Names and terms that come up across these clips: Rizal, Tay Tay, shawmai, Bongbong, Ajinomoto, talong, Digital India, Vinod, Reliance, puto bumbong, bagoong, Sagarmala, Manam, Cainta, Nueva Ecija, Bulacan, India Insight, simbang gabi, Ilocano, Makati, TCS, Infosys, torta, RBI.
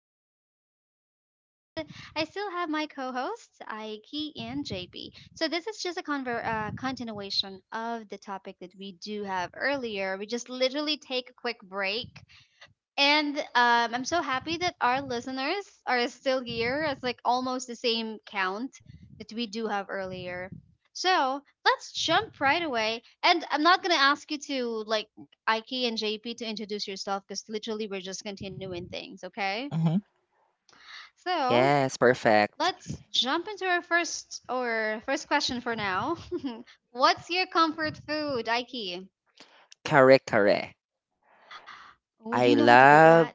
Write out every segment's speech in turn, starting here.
again your host, Julie, and I still have my co hosts, Aiki and JP. So, this is just a continuation of the topic that we do have earlier. We just literally take a quick break and I'm so happy that our listeners are still here. It's like almost the same count that we do have earlier. So let's jump right away. And I'm not gonna ask you to like Ike and JP to introduce yourself because literally we're just continuing things, okay? Mm-hmm. Yes, So perfect. let's jump into our first question for now. What's your comfort food, Ike? Kare kare. Oh, do you I know how to cook that? love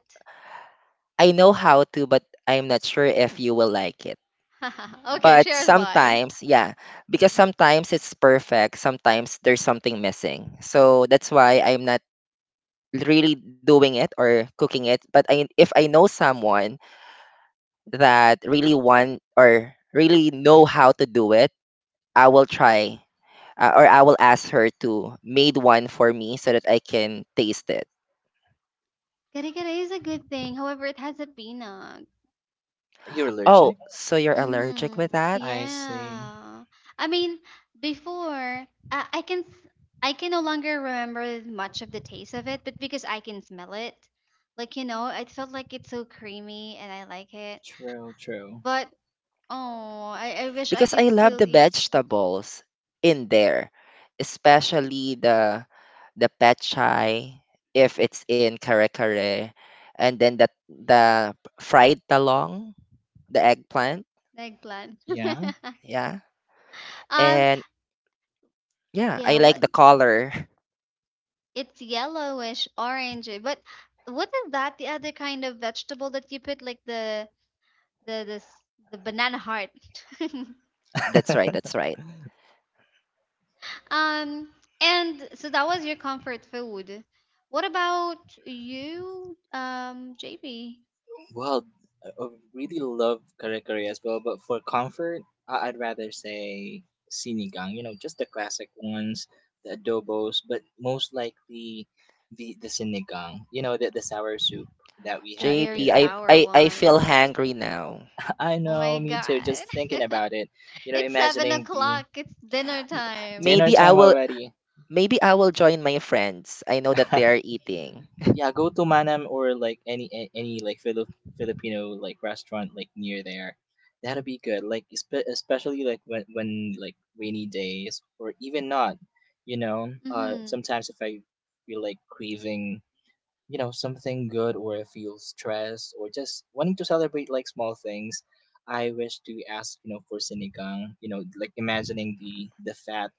I know how to, but I'm not sure if you will like it. Okay, But share us why. sometimes, yeah, because sometimes it's perfect, sometimes there's something missing. So that's why I'm not really doing it or cooking it. But if I know someone that really want or really know how to do it, I will try, or I will ask her to made one for me so that I can taste it. Kare-kare is a good thing. However, it has a peanut. You're Oh, allergic? so you're Mm-hmm. allergic with that? I see. Yeah. I mean, before uh, I can s- I can no longer remember much of the taste of it, but because I can smell it, I felt like it's so creamy and I like it. True, true. But oh, I wish I Because could I love the still eat vegetables in there, especially the pechay if it's in kare kare, and then the fried talong, the eggplant, eggplant. Yeah. yeah, um, and yeah, I yeah. like What? the color. It's yellowish, orangey. But what is that? The other kind of vegetable that you put like the this the banana heart. That's right, that's right. um and so that was your comfort food. What about you, JB? Well, I really love kare kare as well, but for comfort, I'd rather say sinigang. You know, just the classic ones, the adobos, but most likely the sinigang. You know, the sour soup that we The had very JP, here. I Like, sour I I one. feel hungry now. I Oh my know, me too. Just god. thinking about it, you know, It's seven imagining the o'clock. It's dinner M- time. dinner Maybe I time will already. maybe I will join my friends. I know that they are eating. Yeah, go to Manam or like any like Filipino like restaurant like near there. That'll be good. Like especially like when like rainy days or even not, you know. Mm-hmm. Sometimes if I feel like craving, you know, something good or I feel stressed or just wanting to celebrate like small things, I wish to ask you know for sinigang. You know, like imagining the fat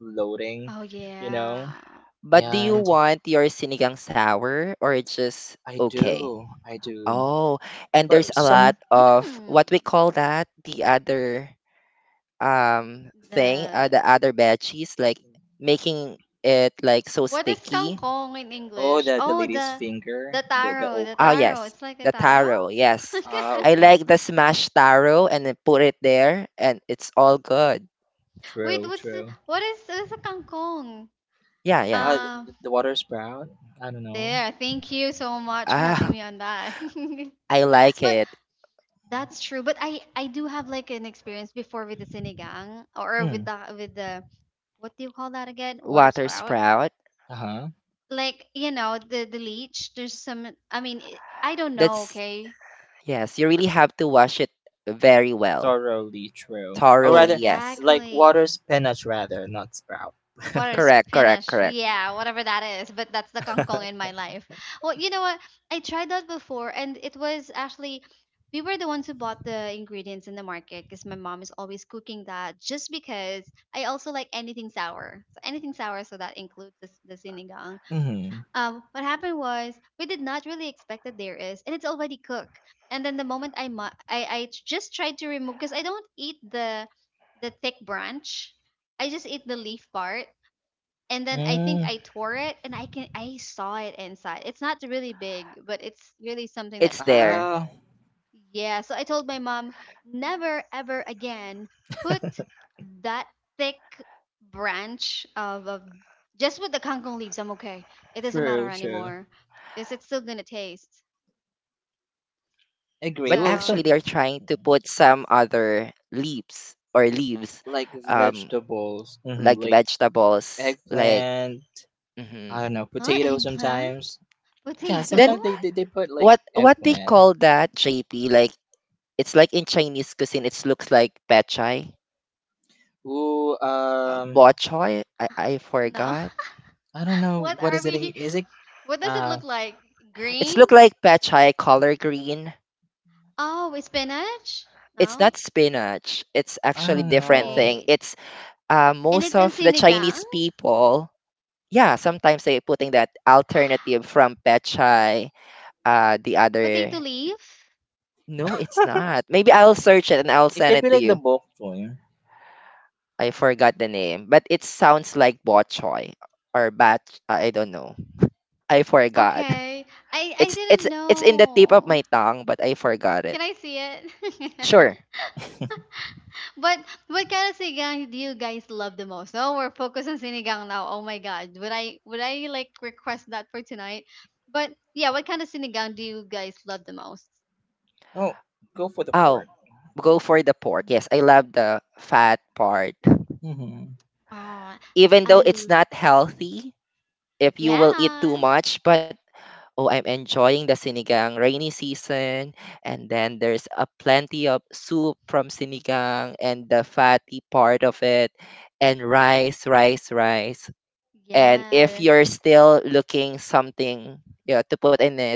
floating, Oh you know, yeah. But do you and want your sinigang sour or just I okay? do. I do. Oh, and there's But a lot some of what we Mm. call that the other thing, The the other veggies, like making it like so what is sticky. kangkong in oh English? the Oh lady's the finger, the the taro, the Oh okra. taro. yes, It's like a the taro. taro. Yes, Ah, I okay. like the smashed taro and then put it there, and it's all good. Wait, True, true. What's a kangkong? Yeah, yeah. Ah, Um, the water sprout. I don't know. there. Thank you so much for Ah, helping me on that. I like But it. that's true. But I do have like an experience before with the sinigang or Hmm. with the what do you call that again? Water Water sprout. sprout. Uh huh. Like you know the leech. There's some. I mean it, I don't know. That's Okay. Yes, you really have to wash it very well, Thoroughly true. Or thoroughly. rather, Yes, like Exactly. water spinach, rather not sprout. Water correct, correct, spinach. correct. Yeah, whatever that is. But that's the kangkong in my life. Well, you know what? I tried that before, and it was actually we were the ones who bought the ingredients in the market because my mom is always cooking that. Just because I also like anything sour, so that includes the sinigang. Hmm. What happened was we did not really expect that there is, and it's already cooked. And then the moment I mu- I just tried to remove because I don't eat the thick branch. I just eat the leaf part and then I think Mm. I tore it and I can I saw it inside. It's not really big, but it's really something that It's there, Ah, yeah. So I told my mom never ever again put that thick branch of just with the kangkong leaves. I'm okay. It doesn't matter true, true. anymore because it's still gonna taste. but actually they Agree. are Well, So trying some to put some other leaves or leaves, like um, vegetables, like like vegetables, like. eggplant. I hmm don't know, huh potato eggplant sometimes. Yeah, potato Then sometimes they put like what they eggplant. call that, JP? Like it's like in Chinese cuisine, it looks like pechay, Ooh, bok choy. I no. forgot. I don't know What what are is it in, we, is it what does it uh look like, It's look green? like pechay color green. Oh with spinach, It's no. not spinach. It's I actually don't different know. thing. Wait. It's, And most it's in of the sinigang? Chinese people. Yeah, sometimes they putting that alternative from pechay. Potato The other. leaf? No, it's not. Maybe I'll search it and I'll It send could it be to like the you. bulk joint. I forgot the name, but it sounds like bok choy or bat. I don't know. I forgot. Okay. I It's didn't it's it's in the tip of know. my tongue, but I forgot it. Can I see it? Sure. But what kind of sinigang do you guys love the most? Oh, we're focused on sinigang now. Oh my god. Would I like request that for tonight? But yeah, what kind of sinigang do you guys love the most? Oh, go for the Oh, pork. go for the pork. Yes, I love the fat part. Mm-hmm. Oh, Even I though it's l- not healthy if you will eat too yeah. much, but oh, I'm enjoying the sinigang rainy season, and then there's a plenty of soup from sinigang and the fatty part of it, and rice, rice, rice. And if Yeah. you're still looking something, yeah, to put in it,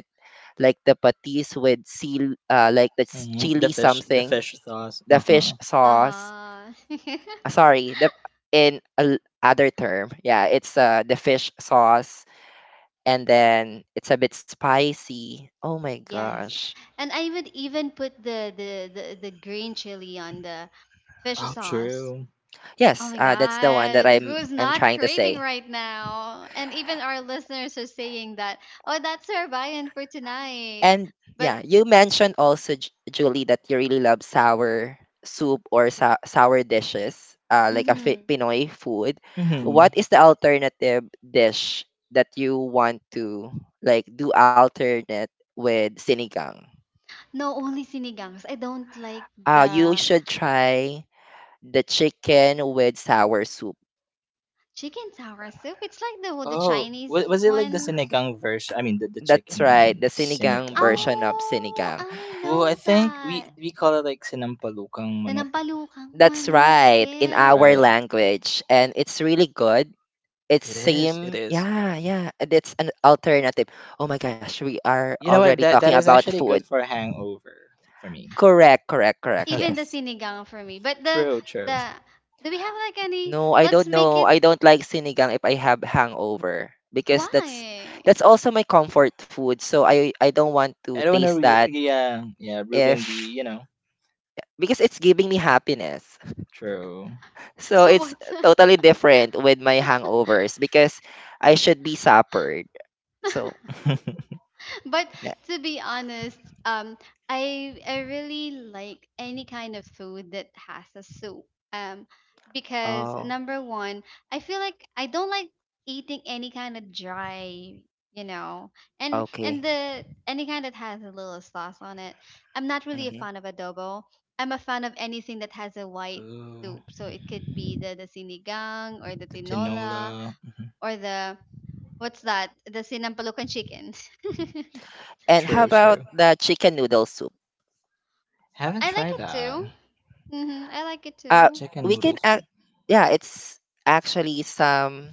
like the patis with seal, like the Mm-hmm. Chili The something, fish sauce. the Uh fish huh. sauce. Uh-huh. Sorry, the in a l- other term, yeah, it's the fish sauce, and then it's a bit spicy. Oh my Yes. gosh. And I would even put the green chili on the fish Oh, sauce. true. Oh Yes, my that's the one that God, I'm who's I'm not trying to craving say. right now? And even our listeners are saying that, oh, that's our buy-in for tonight. And But yeah, you mentioned also Julie that you really love sour soup or sour dishes, like a mhm, Pinoy food. Mm-hmm. What is the alternative dish that you want to like do alternate with sinigang? no, only sinigangs. I don't like You the should try the chicken with sour soup. chicken tower soup. It's like the Oh, Chinese was it like the one. sinigang version? I mean, the That's right, chicken the sinigang sinigang. version of Oh, sinigang. I Oh, I know think we that. we call it like sinampalukang The manok, nampalukang That's manok, right, in yes. our right? language, and it's really good. It's It is. It same, is. yeah, yeah. And it's an alternative. Oh my gosh, we are You know already what? That talking that is about actually food. good for a hangover for me. Correct, correct, correct. Even the Yes. sinigang for me. But True. True. the do we have like any, No, I don't let's make know. it, I don't like sinigang if I have hangover because that's why? that's also my comfort food. So I don't want to I don't taste want to. that Yeah, yeah. Ruin the if you know. because it's giving me happiness. True. So So it's what? totally different with my hangovers because I should be suppered. So But yeah. to be honest, I really like any kind of food that has a soup. Um, because Oh, number one, I feel like I don't like eating any kind of dry, you know, okay. and the any kind that has a little sauce on it. I'm not really a hmm fan of adobo. I'm a fan of anything that has a white Ooh, soup. So it could be the sinigang or the the tinola tinola. or the what's that? The sinampalukan chicken. And how True, about true. the chicken noodle soup? Haven't I like tried it that too. Mhm, I like it Uh, too. chicken we can noodle soup. act. Yeah, it's actually some.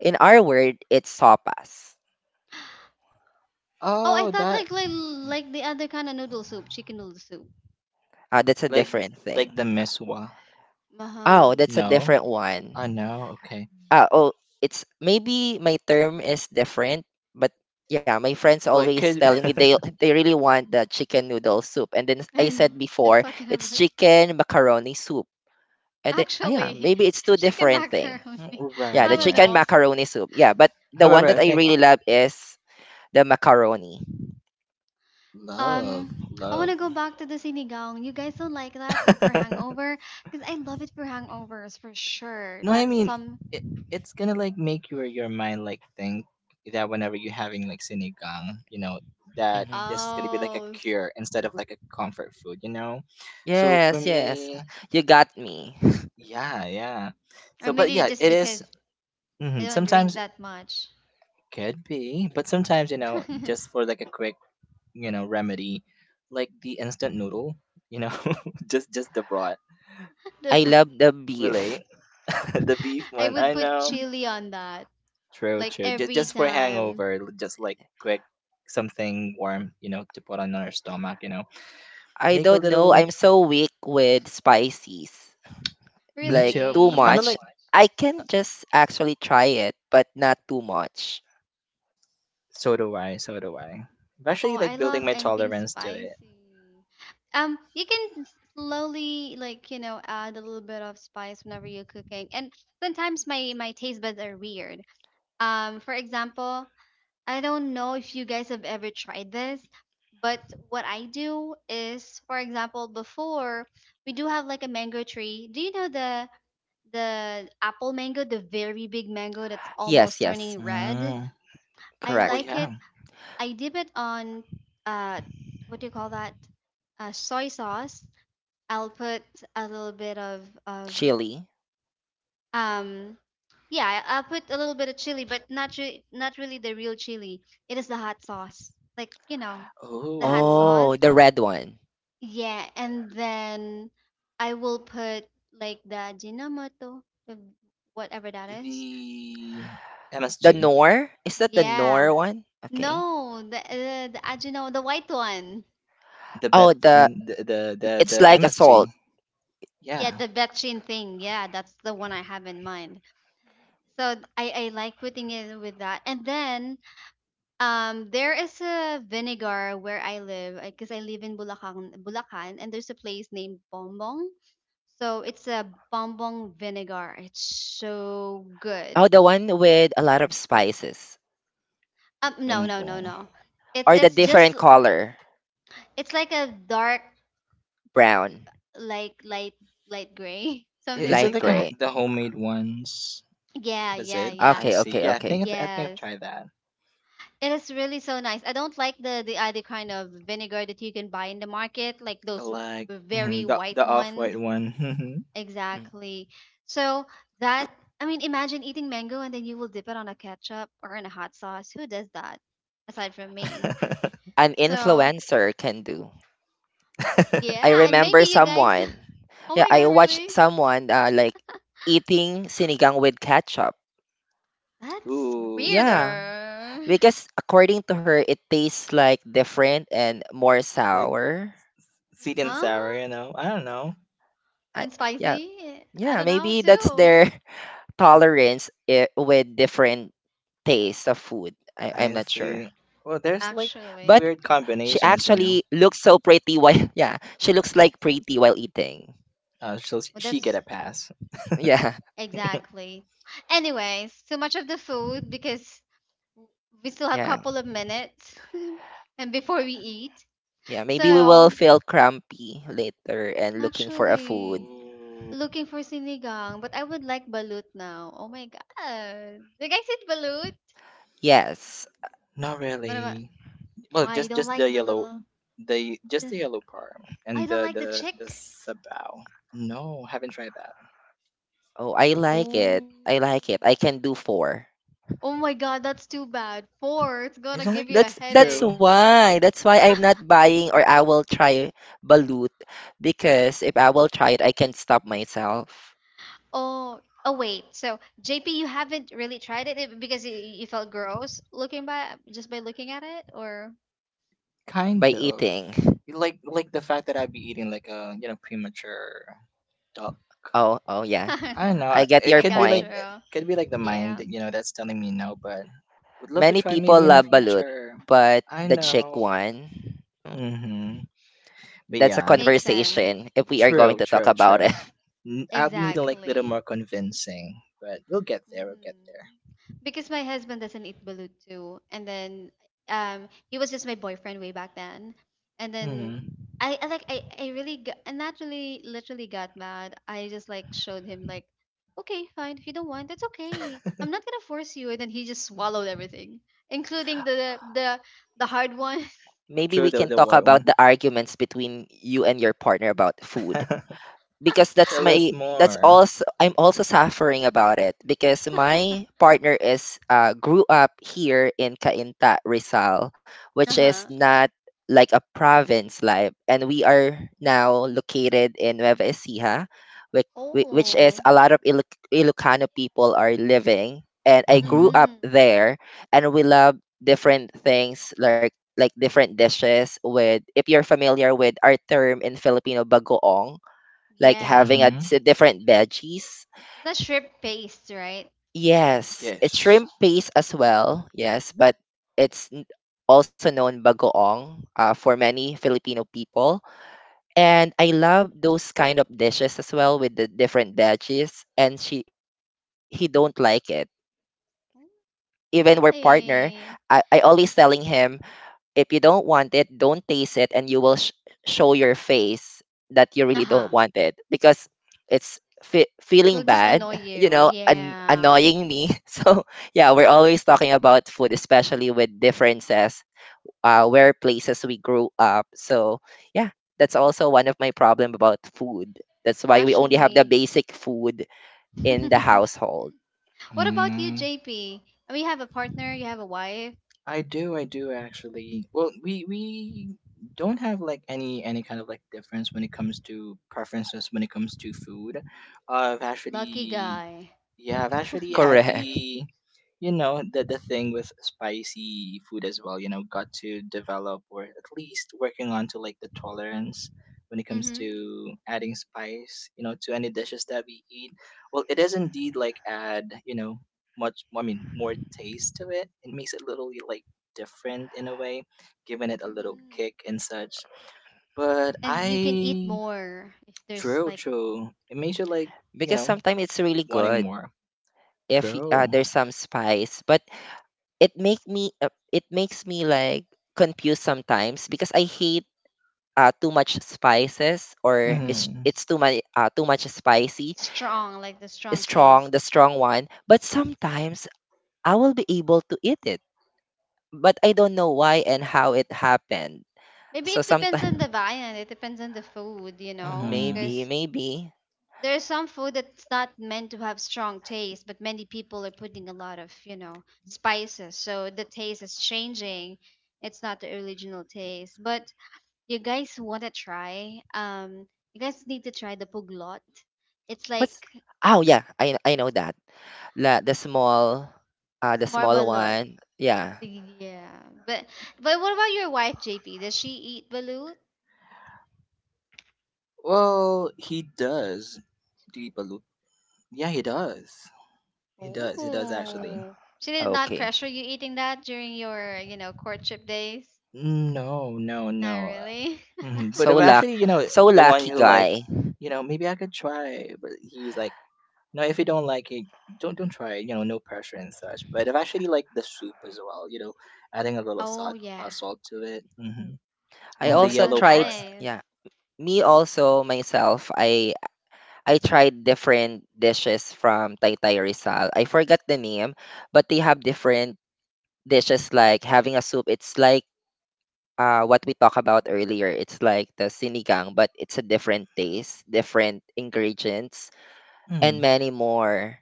In our word, it's sopas. Oh, I Oh, thought that like the other kind of noodle soup, chicken noodle soup. That's a like different like the thing. miswa. Oh, Uh-huh. that's a No, different I one. know. Okay. Oh, it's maybe my term is different, but yeah, my friends Well, it always could. telling me they they really want the chicken noodle soup, and then I And said they're before talking it's about chicken macaroni soup, and then oh yeah, actually maybe it's two chicken different thing. macaroni. Yeah, I Right, the don't right. chicken know. macaroni soup. Yeah, but the one However, I that I think really love is the macaroni. love, Um, I want love. to go back to the sinigang. You guys don't like that for hangover? Because I love it for hangovers for sure. No, I That's mean some. it, it's gonna like make your mind like think that whenever you're having like sinigang, you know that hmm this is gonna be like a Oh, cure instead of like a comfort food, you know. So for Yes, yes, me, you got me. yeah, yeah. or So, but maybe yeah, just because I don't drink sometimes that much. could be, but sometimes you know just for like a quick you know remedy, like the instant noodle, you know, just the broth. I The- love the beef. Relate the beef I one. would I put know. chili on that. True, Like true. Just every just for time. hangover, just like quick something warm, you know, to put on our stomach, you know. I Make a don't know. little I'm so weak with spices. me Like too. too I've kind Really? of much. like I can just actually try it, but not too much. So do I. I'm Oh, actually I like building love my anything tolerance to it. spicy. You can slowly like, you know, add a little bit of spice whenever you're cooking. And sometimes my my taste buds are weird. For example, I don't know if you guys have ever tried this, but what I do is, for example, before we do have like a mango tree. Do you know the apple mango, the very big mango that's Yes, almost yes, turning red? Mm. I Oh correct. like yeah. it. I dip it on uh what do you call that? Soy sauce. I'll put a little bit of Chili. um yeah, I'll put a little bit of chili, but not really the real chili. It is the hot sauce. Like, you know, the hot Oh, Oh, sauce. the red one. Yeah, and then I will put like the ajinomoto, the whatever that is. the The MSG, nor? Is that the Yeah. nor one? Okay. No, the Ajinomoto, the white one. the Oh, bed, the the it's like a salt. MSG. Yeah, Yeah. the betchin thing. Yeah, that's the one I have in mind. So I like putting it with that. And then there is a vinegar where I live because I live in Bulacan, Bulacan, and there's a place named Bongbong. So it's a bonbon vinegar. It's so Oh, good. the one with a lot of spices, No, Boom no, no, boom. no. Or the It's just different color, it's like a dark g- brown, like light light gray, something Is light it like like gray. that. the homemade ones? Yeah, Was yeah, it? yeah. I Okay, see. okay, Yeah, I think okay. I think I've Yes. tried that. It is really so nice. I don't like the other kind of vinegar that you can buy in the market, like those Like very the white the off white ones. one. Mhm. Mm. Exactly. So that I mean, imagine eating mango and then you will dip it on a ketchup or in a hot sauce. Who does that? Aside from me. An So influencer can do. I yeah, and maybe remember you guys. someone. Oh Yeah, my god, I watched really? someone, like eating sinigang with ketchup. That's Ooh, Yeah, weirder. because according to her, it tastes like different and more like sour. sweet and Huh? sour. You know, I don't know. I, And yeah, spicy? I yeah, don't know maybe that's too. their tolerance eh, with different tastes of food. I'm I not sure. see. Well, But there's like she Actually, weird actually combinations. You looks so know, pretty while, yeah, she looks like pretty while eating. But she get that's a pass. Yeah, exactly. Anyways, so much of the food because we still have a yeah. couple of minutes and before we eat. Yeah, maybe we will So, feel crampy later and looking for a actually, food. Ooh, looking for sinigang, but I would like balut now. Oh my god. Do you guys eat balut? Yes. not What about really. Well, why you just don't just the like the yellow, little the- the yellow parm I and don't the like the the the chick? sabao. No, haven't tried that. Oh, I like Oh, it. I like it. I me can do too. four. Oh my god, that's too bad. Four, it's gonna Isn't like give you a That's true, that's headache. why. That's why I'm not buying or I will try balut because if I will try it, I can stop myself Oh, oh wait. So JP, you haven't really tried it eh, because you felt gross looking by just by looking at it, or by kind of eating. like the fact that I'd be eating like a premature duck. Oh, oh yeah. I don't know. I get It I your could be got you. like point. The Yeah, mind you know that's telling me no, but would love to Many try people maybe in the love balut, future. but I the chick hmm know. one, mm, Mhm. But that's a yeah, makes sense. conversation if we are going true, to talk true, about it. true. I'll be needing like a little more Exactly. convincing, but we'll get there. We'll get Mhm. Because my husband doesn't eat balut too, and then he was just my boyfriend way back then, and there. then Mm-hmm. I like I really got, and naturally literally got mad. I just like showed him like, okay, fine, if you don't want, that's okay. I'm not gonna force you. And then he just swallowed everything, including the hard one. Maybe True, we the can the talk white about one. the arguments between you and your partner about food because that's Tell us my that's more. also I'm also suffering about it because my partner is grew up here in Cainta, Rizal, which Uh is huh. not like a province life, and we are now located in Nueva Ecija, which which is Oh. a lot of Ilocano people are living, and I grew Mm-hmm. up Mhm. there, and we love different things like different dishes with if you're familiar with our term in Filipino bagoong, like Yeah. having a Mm-hmm. Different veggies. The shrimp paste, right? Yes, it's Yes. shrimp paste as well. Yes, but it's also known bagoong, for many Filipino people. And I love those kind of dishes as well with the different veggies. And she he don't like it. Mm, Even we're partner, I, why? I always telling him if you don't want it, don't taste it, and you will show your face that you really don't Uh-huh. want it because it's It feeling will just bad, annoy you you. know, Yeah. annoying me. So yeah, we're always talking about food, especially with differences, where places we grew up. So yeah, that's also one of my problem about food. That's why we only have the Actually. basic food in the household. What about you, JP? I mean, you have a partner, you have a wife. I do actually. Well, we don't have like any kind of like difference when it comes to preferences when it comes to food. I've Lucky actually, guy. yeah, I've actually had Correct. the, you know, the thing with spicy food as well. You know, got to develop or at least working on to like the tolerance when it comes Mm-hmm. to adding spice. You know, to any dishes that we eat. Well, it does indeed like add. You know much, I mean, more taste to it. It makes it a little like different in a way, giving it a little kick Mm-hmm. and such, but And you can eat I more if there's true, like true. It makes you like, you Because know sometimes it's really wanting good more. if True. There's some spice, but it makes me like confused sometimes because I hate, too much spices, or mm-hmm. it's Mm-hmm. it's too much, too much spicy, Strong, like the strong strong, taste. the strong one, but sometimes I will be able to eat it, but I don't know why and how it happened. Maybe So it depends sometimes, on the viand. It depends on the food, you know, Mm-hmm. maybe because maybe there's some food that's not meant to have strong taste, but many people are putting a lot of, you know, spices. So the taste is changing. It's not the original taste. But you guys want to try, you guys need to try the puglot. It's what's like oh yeah, I know that. The small, this the small marbalot. one, yeah. Yeah. But what about your wife, JP? Does she eat balut? Well, he does deep a loop, yeah, he does actually. Oh. She did not Okay. pressure you eating that during your, you know, courtship days? No, no, Not no. really. Hmm. But so if luck actually, you know, so the one lucky who like, guy. you know, maybe I could try, but he was like, no, if you don't like it, don't try it. You know, no pressure and such. But I've actually liked the soup as well. You know, adding a little Oh yeah. Salt to it, I and the Oh, also so yellow tried part. Nice. yeah, me also myself, I tried different dishes from Tay Tay Rizal. I forgot the name, but they have different dishes like having a soup. It's like, what we talked about earlier. It's like the sinigang, but it's a different taste, different ingredients, and Mm. many more.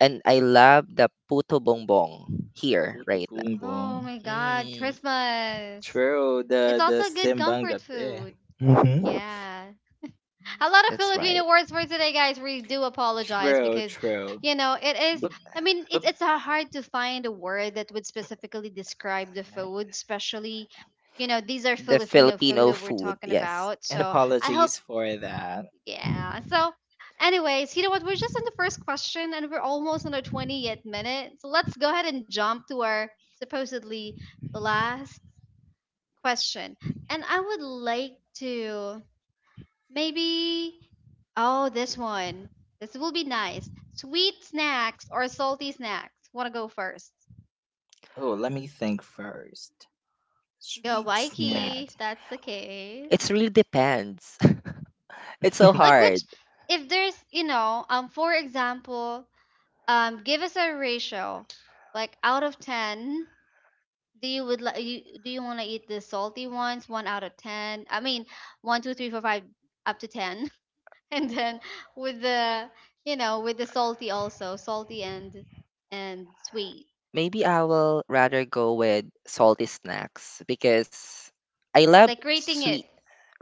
And I love the puto bongbong here Puto right now. Oh bumbong. my God, Mm, Christmas. True, It's the also good simbang comfort gabi. food. Mm-hmm. Yeah. A that's lot of right. Filipino words for today, guys. We do apologize True, because, true. you know, it is, But Be- I mean, but it's hard to find a word that would specifically describe the food, especially, you know, these are The Filipino food Filipino that we're food, talking yes. about. and So I hope. apologies for that. Yeah. So, anyways, you know what? We're just in the first question and we're almost on our 20th minute. So let's go ahead and jump to our supposedly last question. And I would like to maybe, oh, this one. This will be nice. Sweet snacks or salty snacks? Want to go first? Oh, let me think first. Go, Sweet snack. Waikiki, Wait. if that's the case. It's really depends. It's so Like, which, hard. if there's, for example, give us a ratio like out of 10. Do you would like you do you want to eat the salty ones one out of 10? I mean, 1, 2, 3, 4, 5 up to 10. And then with the, you know, with the salty, also salty and sweet, Maybe I will rather go with salty snacks because I love like rating it, sweet.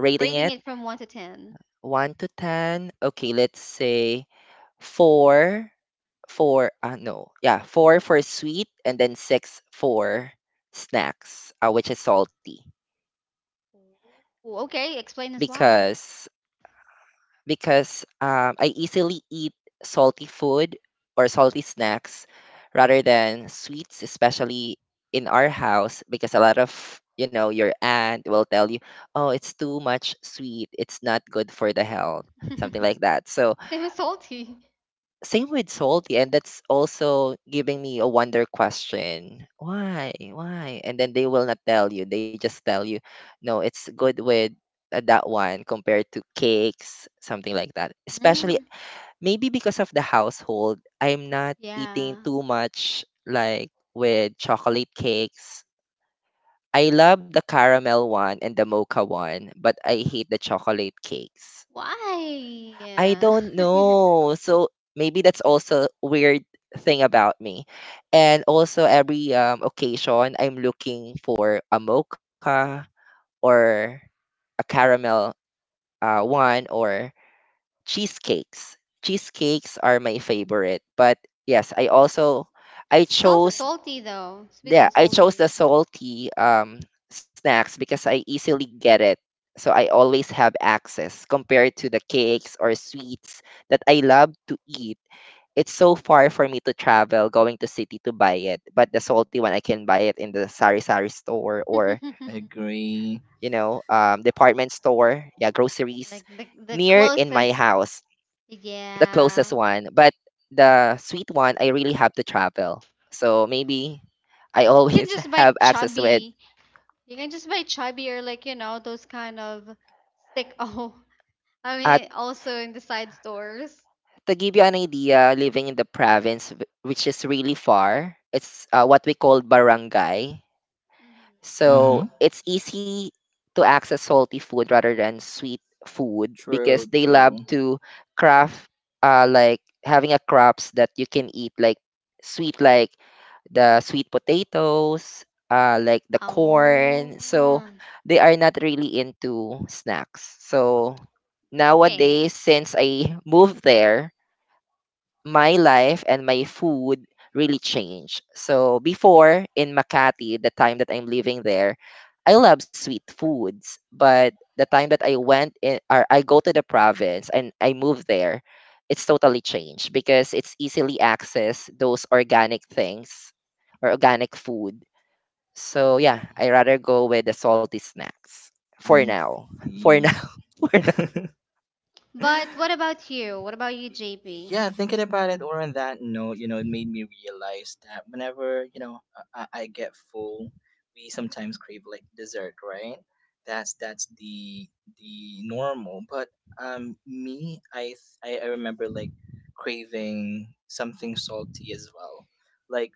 Rating rating it it from 1 to 10. 1 to 10. Okay, let's say 4 for, no, yeah, 4 for sweet, and then 6 for snacks, which is salty. Ooh, okay, explain us Because why. because I easily eat salty food or salty snacks rather than sweets, especially in our house, because a lot of, your aunt will tell you, "Oh, it's too much sweet. It's not good for the health." Something like that. So Same as salty. same with salty, and that's also giving me a wonder question. Why? Why? And then they will not tell you. They just tell you, no, it's good with, that one compared to cakes, something like that. Especially Mm, maybe because of the household, I'm not eating yeah. too much like with chocolate cakes. I love the caramel one and the mocha one, but I hate the chocolate cakes. I Why? don't know. So maybe that's also weird thing about me. And also every occasion I'm looking for a mocha or a caramel, one or cheesecakes. Cheesecakes are my favorite. But yes, I also I It's also chose salty though, sweet yeah, and I chose the salty. salty snacks because I easily get it. So I always have access compared to the cakes or sweets that I love to eat. It's so far for me to travel going to city to buy it. But the salty one I can buy it in the sari sari store, or, Agree. Department store, yeah, groceries Like the near in my closest. house. The closest Yeah. one. But the sweet one I really have to travel. So maybe I You can always just buy have access to it. chubby. You can just buy chubby, or like, you know, those kind of stick. Oh. I At mean, also in the side stores. To give you an idea, living in the province, which is really far, it's, what we call barangay. Mhm. So Mm-hmm. it's easy to access salty food rather than sweet food True, because they love true. to craft, like having a crops that you can eat like sweet, like the sweet potatoes, like the corn. So Oh. they are not really into snacks. So Okay. nowadays since I moved there, my life and my food really changed. So before in Makati, the time that I'm living there, I love sweet foods, but the time that I went in, or I go to the province and I move there, it's totally changed because it's easily access those organic things or organic food. So yeah, I rather go with the salty snacks for I now. For now, see. for now. But what Mhm. about you? What about you, Y- JP? Yeah, thinking about it, or on that note, you know, it made me realize that whenever, you know, I get full, we sometimes crave like dessert, right? That's the normal. But me, I remember like craving something salty as well, like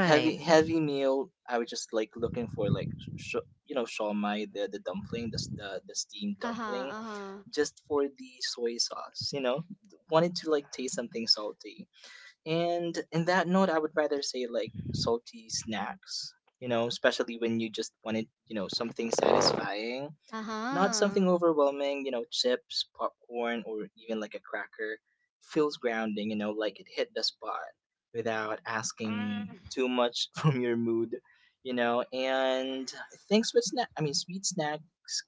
heavy heavy meal. I was just like looking for like sh- you know, shawmai, the dumpling, the s- the steamed Uh-huh. dumpling Uh-huh. just for the soy sauce, you know? Wanted to like taste something salty. And in that note, I would rather say like salty snacks, you know, especially when you just wanted, you know, something satisfying not something Uh-huh. overwhelming, you know, chips, popcorn, or even like a cracker. Feels grounding, you know, like it hit the spot without asking Mm. too much from your mood, you know. And I think sweet snack, I mean, sweet snacks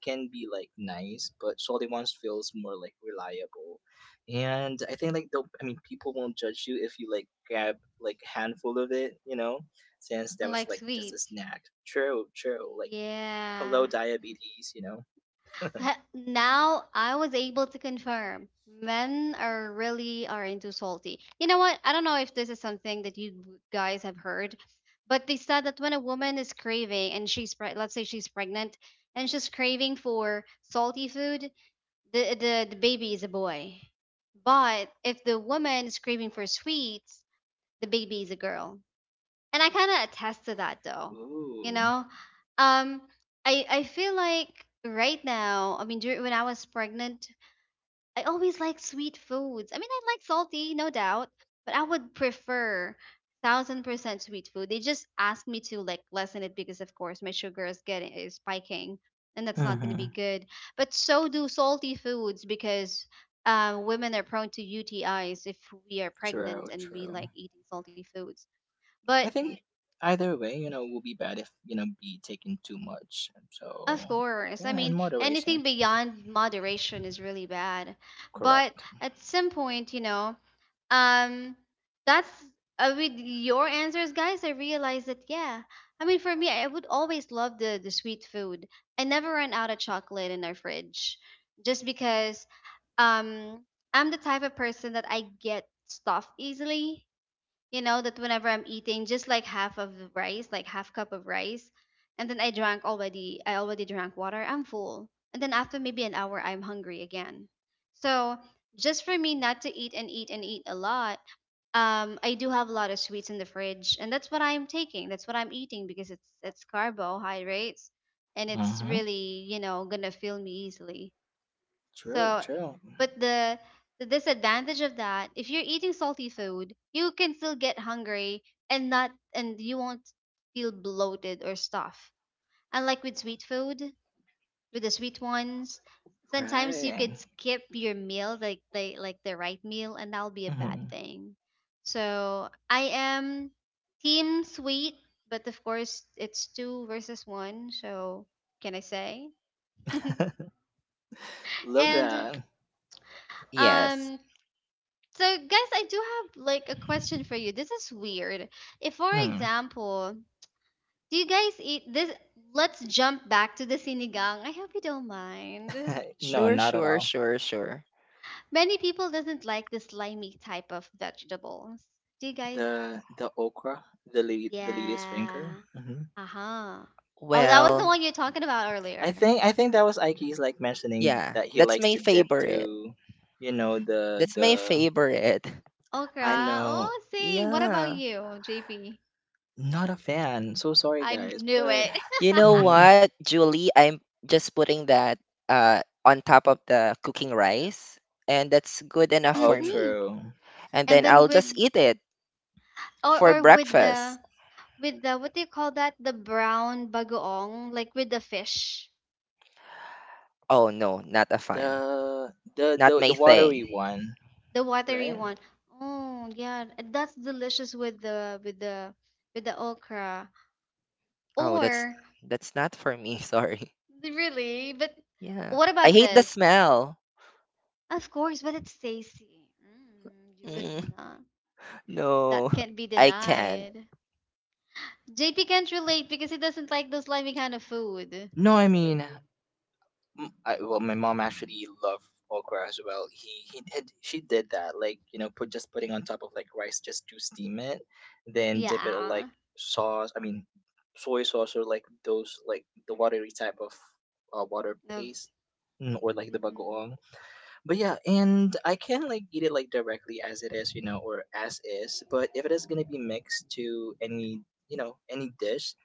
can be like nice, but salty ones feels more like reliable. And I think like the, I mean, people won't judge you if you like grab like a handful of it, you know, since that was Unlike like just a sweets. snack. True, true. Like hello Yeah. diabetes, you know. Now I was able to confirm men are really are into salty. You know what? I don't know if this is something that you guys have heard, but they said that when a woman is craving and let's say she's pregnant and she's craving for salty food, the baby is a boy. But if the woman is craving for sweets, the baby is a girl, and I kind of attest to that though. You Ooh. know, um, I feel like right now, I mean, during, when I was pregnant, I always like sweet foods. I mean, I like salty, no doubt, but I would prefer 1000% sweet food. They just asked me to like lessen it because, of course, my sugar is getting is spiking, and that's not going to hmm be good. But so do salty foods, because um, women are prone to UTIs if we are True, pregnant and we true. like eating salty foods. But I think either way, you know, will be bad if, you know, be taken too much. of So, course. I yeah, in mean, moderation. anything beyond moderation is really bad. But Correct. at some point, you know, um, that's with your answers, guys, I realized that, yeah. I mean, for me, I would always love the sweet food. I never run out of chocolate in our fridge, just because um, I'm the type of person that I get stuffed easily. You know that whenever I'm eating just like half of the rice, like half cup of rice, and then I drank already, I already drank water, I'm full, and then after maybe an hour I'm hungry again. So, just for me not to eat and eat and eat a lot, um, I do have a lot of sweets in the fridge, and that's what I'm taking, that's what I'm eating, because it's carbohydrates, and it's Mm-hmm. really, you know, gonna fill me easily. True, So, true. but the disadvantage of that, if you're eating salty food, you can still get hungry and not and you won't feel bloated or stuff. Unlike with sweet food, with the sweet ones, sometimes you Right. could skip your meal, like the right meal, and that'll be a bad Hmm. thing. So I am team sweet, but of course it's two versus one. So can I say? Love And that. Yes. um, so, guys, I do have like a question for you. This is weird. If, for Mm. example, do you guys eat this? Let's jump back to the sinigang. I hope you don't mind. No, Sure, not at sure, all. sure, sure. Many people doesn't like the slimy type of vegetables. Do you guys? The okra, the leader's Yeah. finger. Hmm. Uh huh. Oh, that was the Well, one you're talking about I earlier. think I think that was Ike's like mentioning yeah, that he that's likes my to dip favorite. to, you know, That's my the favorite. I Okra. know. Oh, same. What about Yeah. you, JP? Not a fan. So sorry, I guys, knew but it. You know hmm what, Julie? I'm just putting that, on top of the cooking rice, and that's good enough oh, for me. Mm-hmm. true. And And then then I'll with, just eat it for or with the, breakfast. with the, what do you call that? The brown bagoong, like with the fish, Oh no, not a fan. The the Not the my the watery thing. one, the watery right? one. Oh yeah, that's delicious with the with the okra. Oh, that's Or that's not for me. Sorry. really, but Yeah. what I about hate the this? smell. Of course, but it's tasty. Mm, you would Mm, not. no, That can't be I can't. denied. JP can't relate because he doesn't like those slimy kind of food. No, I mean, m I well, my mom actually loved okra as well. He did, she did that, like you know, put just putting on top of like rice just to steam it, then dip it in, like Yeah. sauce. I mean, soy sauce or like those like the watery type of water Of, paste, or like the hmm. bagoong. But yeah, and I can like eat it like directly as it is, you know, or as is. But if it is gonna be mixed to any, you know, any dish,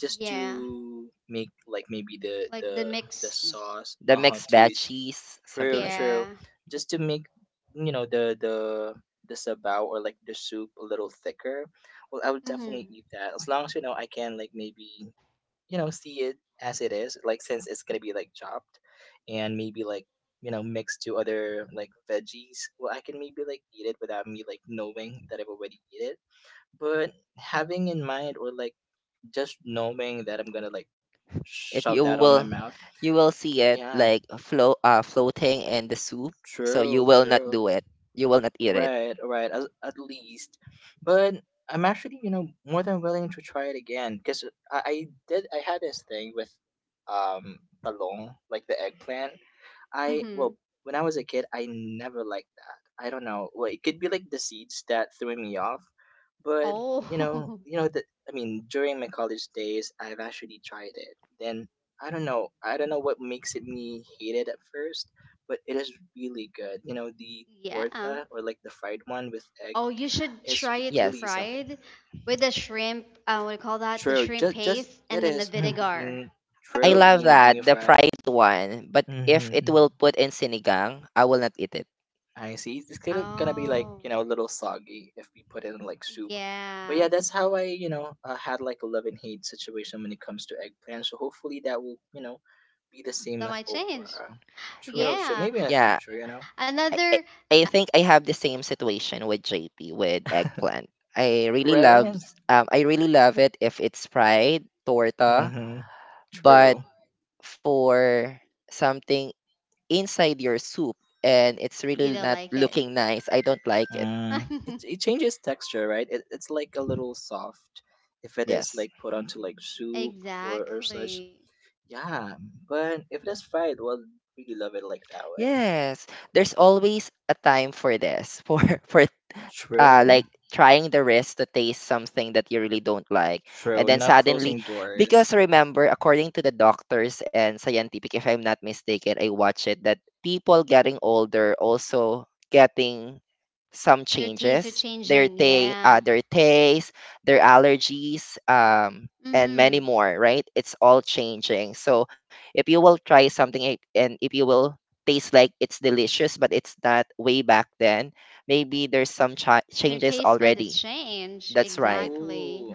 just Yeah. to make like maybe the Like the the the mixed. sauce, The uh huh, mixed bad to cheese, something true, like, true. Yeah. Just to make, you know, the sabao or like the soup a little thicker. Well, I would Mm-hmm. definitely eat that as long as, you know, I can like maybe, you know, see it as it is, like since it's gonna be like chopped and maybe like, you know, mixed to other like veggies. Well, I can maybe like eat it without me like knowing that I've already eat it, but having in mind or like just knowing that I'm gonna like if shove you that on my will mouth. you will see it Yeah, like flow floating in the soup, so you true, will not true. do it, you will not eat it. Right, right. At least, but I'm actually, you know, more than willing to try it again because I did. I had this thing with um talong, like the eggplant. I Mm-hmm. Well, when I was a kid, I never liked that. I don't know. Well, it could be like the seeds that threw me off, but you know, Oh, you know that I mean, during my college days, I've actually tried it. Then I don't know. I don't know what makes it me hate it at first, but it is really good. You know, the yeah. torta or like the fried one with egg Oh, you should is try it really Yes, something. fried with the shrimp. What do you call that? The True. shrimp Just paste it and then the is vinegar. being I true. love Mm. Being that, being the fried. fried one, but if it hmm will put in sinigang, I will not eat it. I see. It's gonna be like Oh, you know a little soggy if we put it in like soup, but yeah. yeah, that's how I had like a love and hate situation when it comes to eggplant. So hopefully that will be the same That with might change. okra. Yeah, True. So Yeah. maybe in the yeah. future, you know, i, Another. uh, I think I have the same situation with JP with eggplant. I really love right? s- um i really love it if it's fried torta. Mm-hmm. But True. for something inside your soup, and it's You really don't not like it. looking nice, I don't like it. Mm. It changes texture, right? It's like a little soft if it is Yes. like put onto like soup or such. Exactly. Yeah, but if it is fried, well, really love it like that way. Yes. There's always a time for this, for for, True. like trying the risk to taste something that you really don't like, and True, then not suddenly, closing doors. because remember according to the doctors and scientific, if I'm not mistaken, I watch it that people getting older also getting some Your tastes are changes their changing. Yeah. their taste, their allergies, and many Mm-hmm. more, right? It's all changing. So if you will try something, and if you will taste like it's delicious but it's not way back then, maybe there's some Your changes taste bud is already. change. That's right. Exactly. Ooh.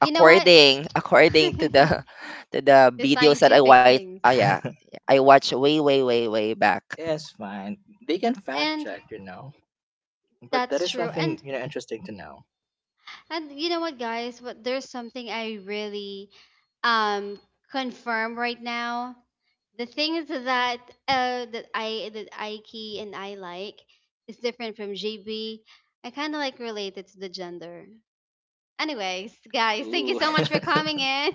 You know what? According according to the to the The videos that I scientific watch, things. ah yeah, I watch way way way way back. It's fine. They can fact And check, you know. But that that's is true. something, And you know, interesting to know. You know what, guys? What there's something I really um confirm right now. The things that that I, that Ike and I like, is different from GB. I kind of like related to the gender. Anyways, guys, thank you Ooh. so much for coming in.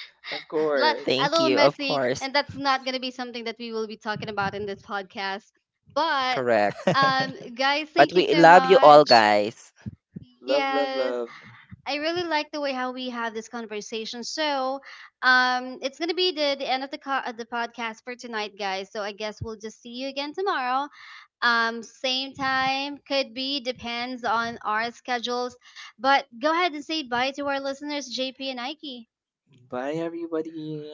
Of Li- course. A Thank little you, of messy, course. and that's not gonna be something that we will be talking about in this podcast. But Correct. Love, guys, But thank you we so love you all much. guys. love, Yes. love. I really like the way how we have this conversation. So, it's gonna be the end of the co- the podcast for tonight, guys. So I guess we'll just see you again tomorrow. Same time could be depends on our schedules. But go ahead and say bye to our listeners, JP and Ike. Bye, everybody.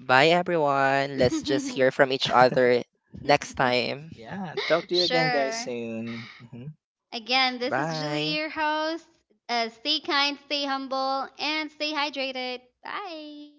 Bye everyone. Let's just hear from each other next time. Yeah. Talk to you again, guys, Sure. soon. Mhm. Again, this is Julie, your Bye. host. Stay kind, stay humble, and stay hydrated. Bye.